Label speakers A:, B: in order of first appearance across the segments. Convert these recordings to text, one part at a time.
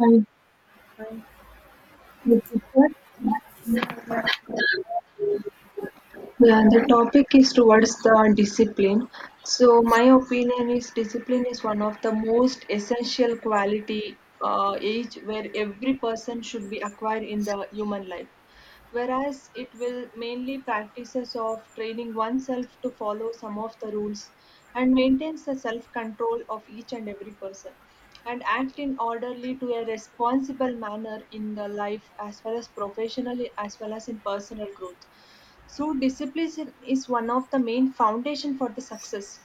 A: Hi,
B: Uh,
A: Professor.
B: yeah,
A: Yeah, the topic is towards the discipline. So, my opinion is discipline is one of the most essential quality age where every person should be acquired in the human life, whereas it will mainly practices of training oneself to follow some of the rules and maintains the self control of each and every person and act in orderly to a responsible manner in the life as well as professionally as well as in personal growth. So discipline is one of the main foundation for the success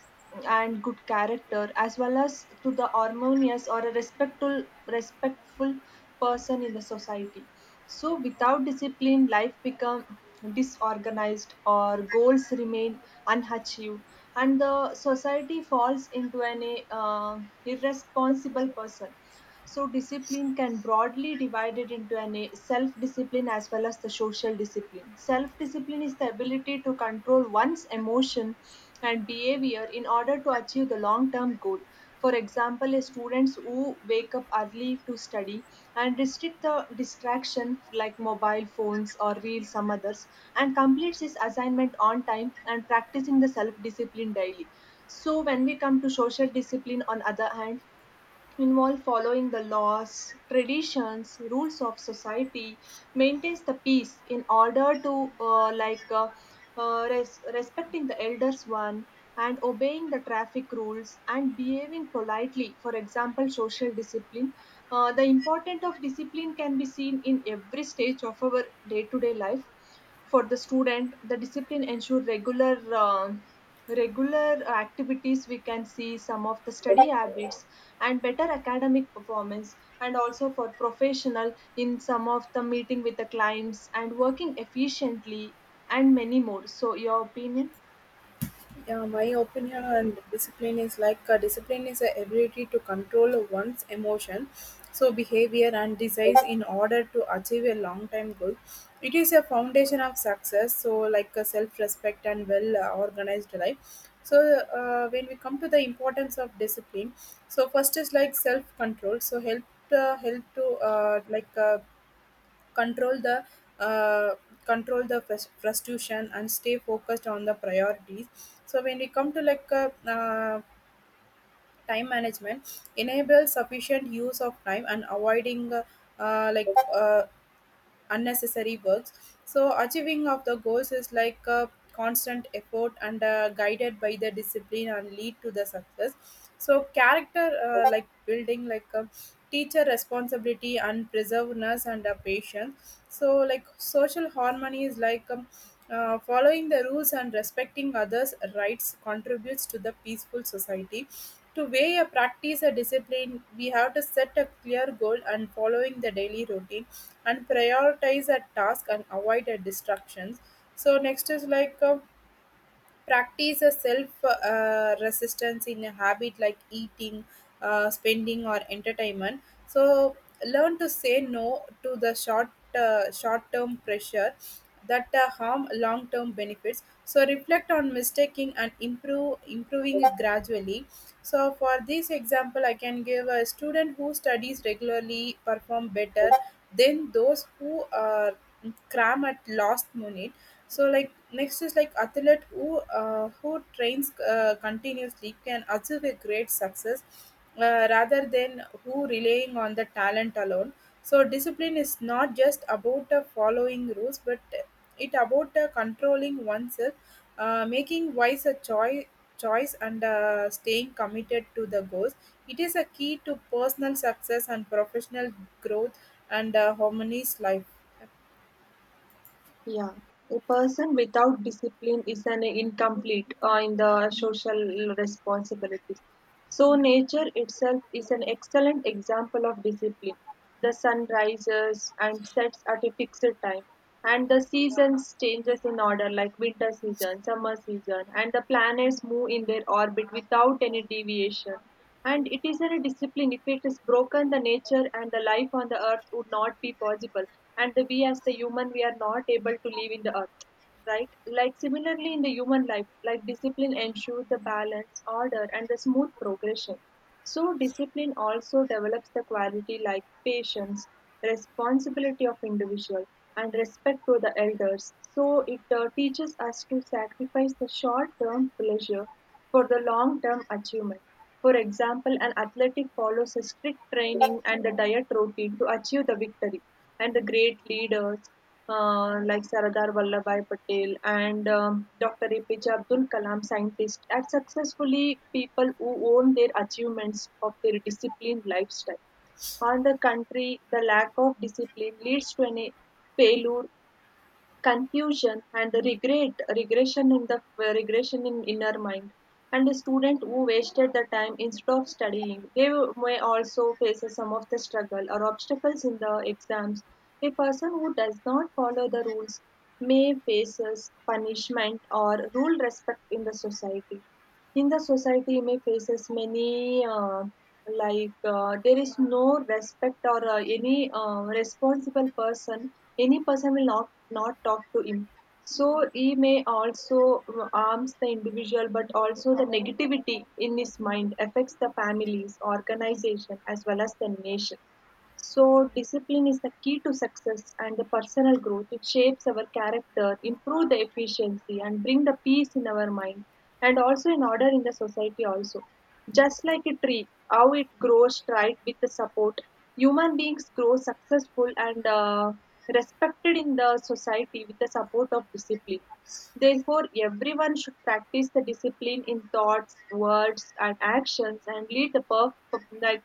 A: and good character as well as to the harmonious or a respectful person in the society. So without discipline life become disorganized or goals remain unachieved and the society falls into an irresponsible person. So, discipline can broadly divided into a self discipline as well as the social discipline. Self discipline is the ability to control one's emotion and behavior in order to achieve the long term goal. For example, a students who wake up early to study and restrict the distraction like mobile phones or reels, some others, and completes his assignment on time and practicing the self discipline daily. So, when we come to social discipline, on other hand, involve following the laws, traditions, rules of society, maintains the peace in order to respecting the elders one and obeying the traffic rules and behaving politely. For example, social discipline. The importance of discipline can be seen in every stage of our day-to-day life. For the student the discipline ensure regular um regular activities. We can see some of the study habits and better academic performance, and also for professional in some of the meeting with the clients and working efficiently and many more. So your opinion?
B: yeah. My opinion on discipline is discipline is the ability to control one's emotion, so behavior and desires in order to achieve a long-term goal. It is a foundation of success, so like a self-respect and well-organized life. So when we come to the importance of discipline, so first is like self-control. So help to uh, like. Uh, control the uh, control the frustration and stay focused on the priorities. So when we come to time management, enable sufficient use of time and avoiding uh, like uh, unnecessary works. So achieving of the goals is like a constant effort and guided by the discipline and lead to the success. So character like building like a teacher responsibility and preserveness and patience. So like social harmony is like following the rules and respecting others' rights contributes to the peaceful society. To weigh a practice a discipline, we have to set a clear goal and following the daily routine and prioritize a task and avoid a distractions. So next is practice a self resistance in a habit like eating, spending, or entertainment. So learn to say no to the short term pressure that harm long term benefits. So reflect on mistaking and improve improving it gradually. So for this example, I can give a student who studies regularly perform better than those who cram at last minute. So like next is like athlete who trains continuously can achieve a great success, rather than who relying on the talent alone. So discipline is not just about following rules, but it about controlling oneself, making wise a choice choice, and staying committed to the goals. It is a key to personal success and professional growth and harmonious life.
A: Yeah, a person without discipline is an incomplete in the social responsibilities. So nature itself is an excellent example of discipline. The sun rises and sets at a fixed time, and the seasons changes in order like winter season, summer season, and the planets move in their orbit without any deviation. And it is a discipline. If it is broken, the nature and the life on the earth would not be possible. And the we as the human, we are not able to live in the earth. Right? Like similarly in the human life, like discipline ensures the balance, order, and the smooth progression. So, discipline also develops the quality like patience, responsibility of individual, and respect to the elders. So, it teaches us to sacrifice the short term pleasure for the long term achievement. For example, an athletic follows a strict training and the diet routine to achieve the victory, and the great leaders like Sardar Vallabhbhai Patel and Dr. APJ Abdul Kalam, scientists, are successfully people who own their achievements of their disciplined lifestyle. On the country, the lack of discipline leads to a failure, confusion, and regret regression in the regression in inner mind. And the student who wasted the time instead of studying, they may also face some of the struggle or obstacles in the exams. A person who does not follow the rules may face punishment or rule respect in the society. In the society may faces many there is no respect or any responsible person. Any person will not talk to him, so he may also harms the individual but also the negativity in his mind affects the families organization as well as the nation. So, discipline is the key to success and the personal growth. It shapes our character, improve the efficiency, and bring the peace in our mind, and also in order in the society also. Just like a tree, how it grows right with the support. Human beings grow successful and respected in the society with the support of discipline. Therefore, everyone should practice the discipline in thoughts, words, and actions, and lead the perf- like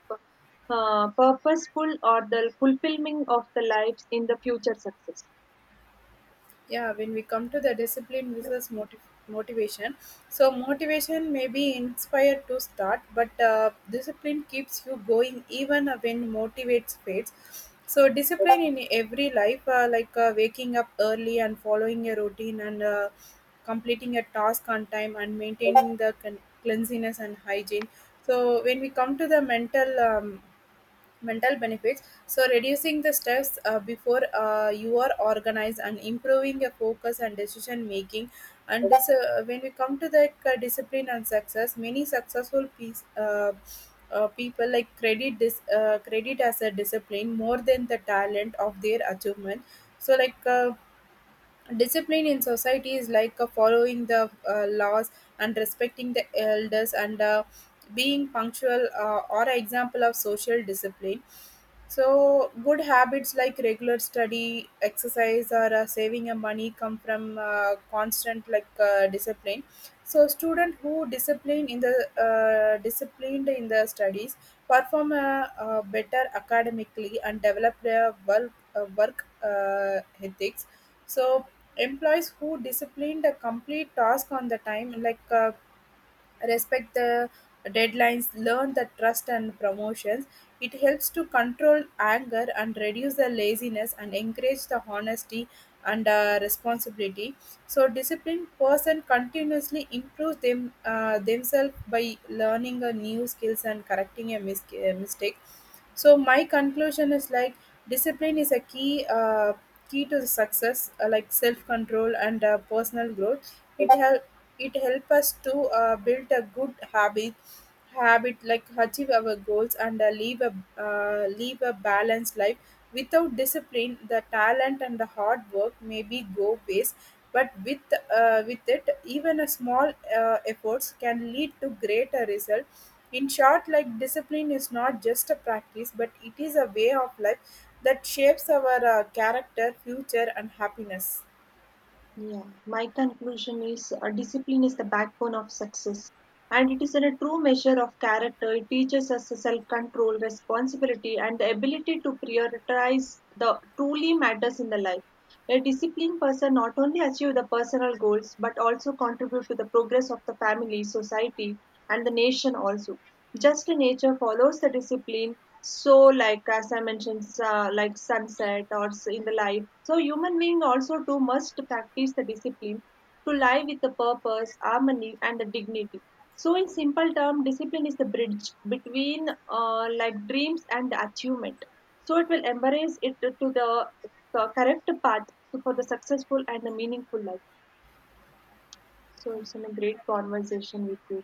A: uh, purposeful or the fulfilling of the lives in the future success.
B: Yeah, when we come to the discipline versus motivation, so motivation may be inspired to start, but discipline keeps you going even when motivates fades. So discipline in every life, waking up early and following a routine, and completing a task on time, and maintaining the cleanliness and hygiene. So when we come to the mental benefits, so reducing the stress, before you are organized and improving your focus and decision making. And when we come to the discipline and success, many successful people like credit this credit as a discipline more than the talent of their achievement. So discipline in society is like following the laws and respecting the elders, and being punctual, or an example of social discipline. So, good habits like regular study, exercise, or saving your money come from constant discipline. So, student who disciplined in the studies perform better academically and develop their work ethics. So, employees who disciplined a complete task on the time, respect the deadlines, learn the trust and promotions. It helps to control anger and reduce the laziness and encourage the honesty and responsibility. So disciplined person continuously improves themselves by learning a new skills and correcting a mistake. So my conclusion is like discipline is a key to the success, like self control and personal growth. It help us to build a good habit, like achieve our goals, and live a balanced life. Without discipline, the talent and the hard work maybe go waste, but with it even a small efforts can lead to greater result. In short, like discipline is not just a practice, but it is a way of life that shapes our character, future, and happiness.
A: Yeah, my conclusion is discipline is the backbone of success, and it is in a true measure of character. It teaches us self control, responsibility, and the ability to prioritize the truly matters in the life. A disciplined person not only achieve the personal goals but also contribute to the progress of the family, society, and the nation also. Just nature follows the discipline. So, like as I mentioned, like sunset or in the life. So, human being also too must practice the discipline to live with the purpose, harmony, and the dignity. So, in simple term, discipline is the bridge between like dreams and the achievement. So, it will embrace it to the correct path for the successful and the meaningful life. So, it's been a great conversation with you.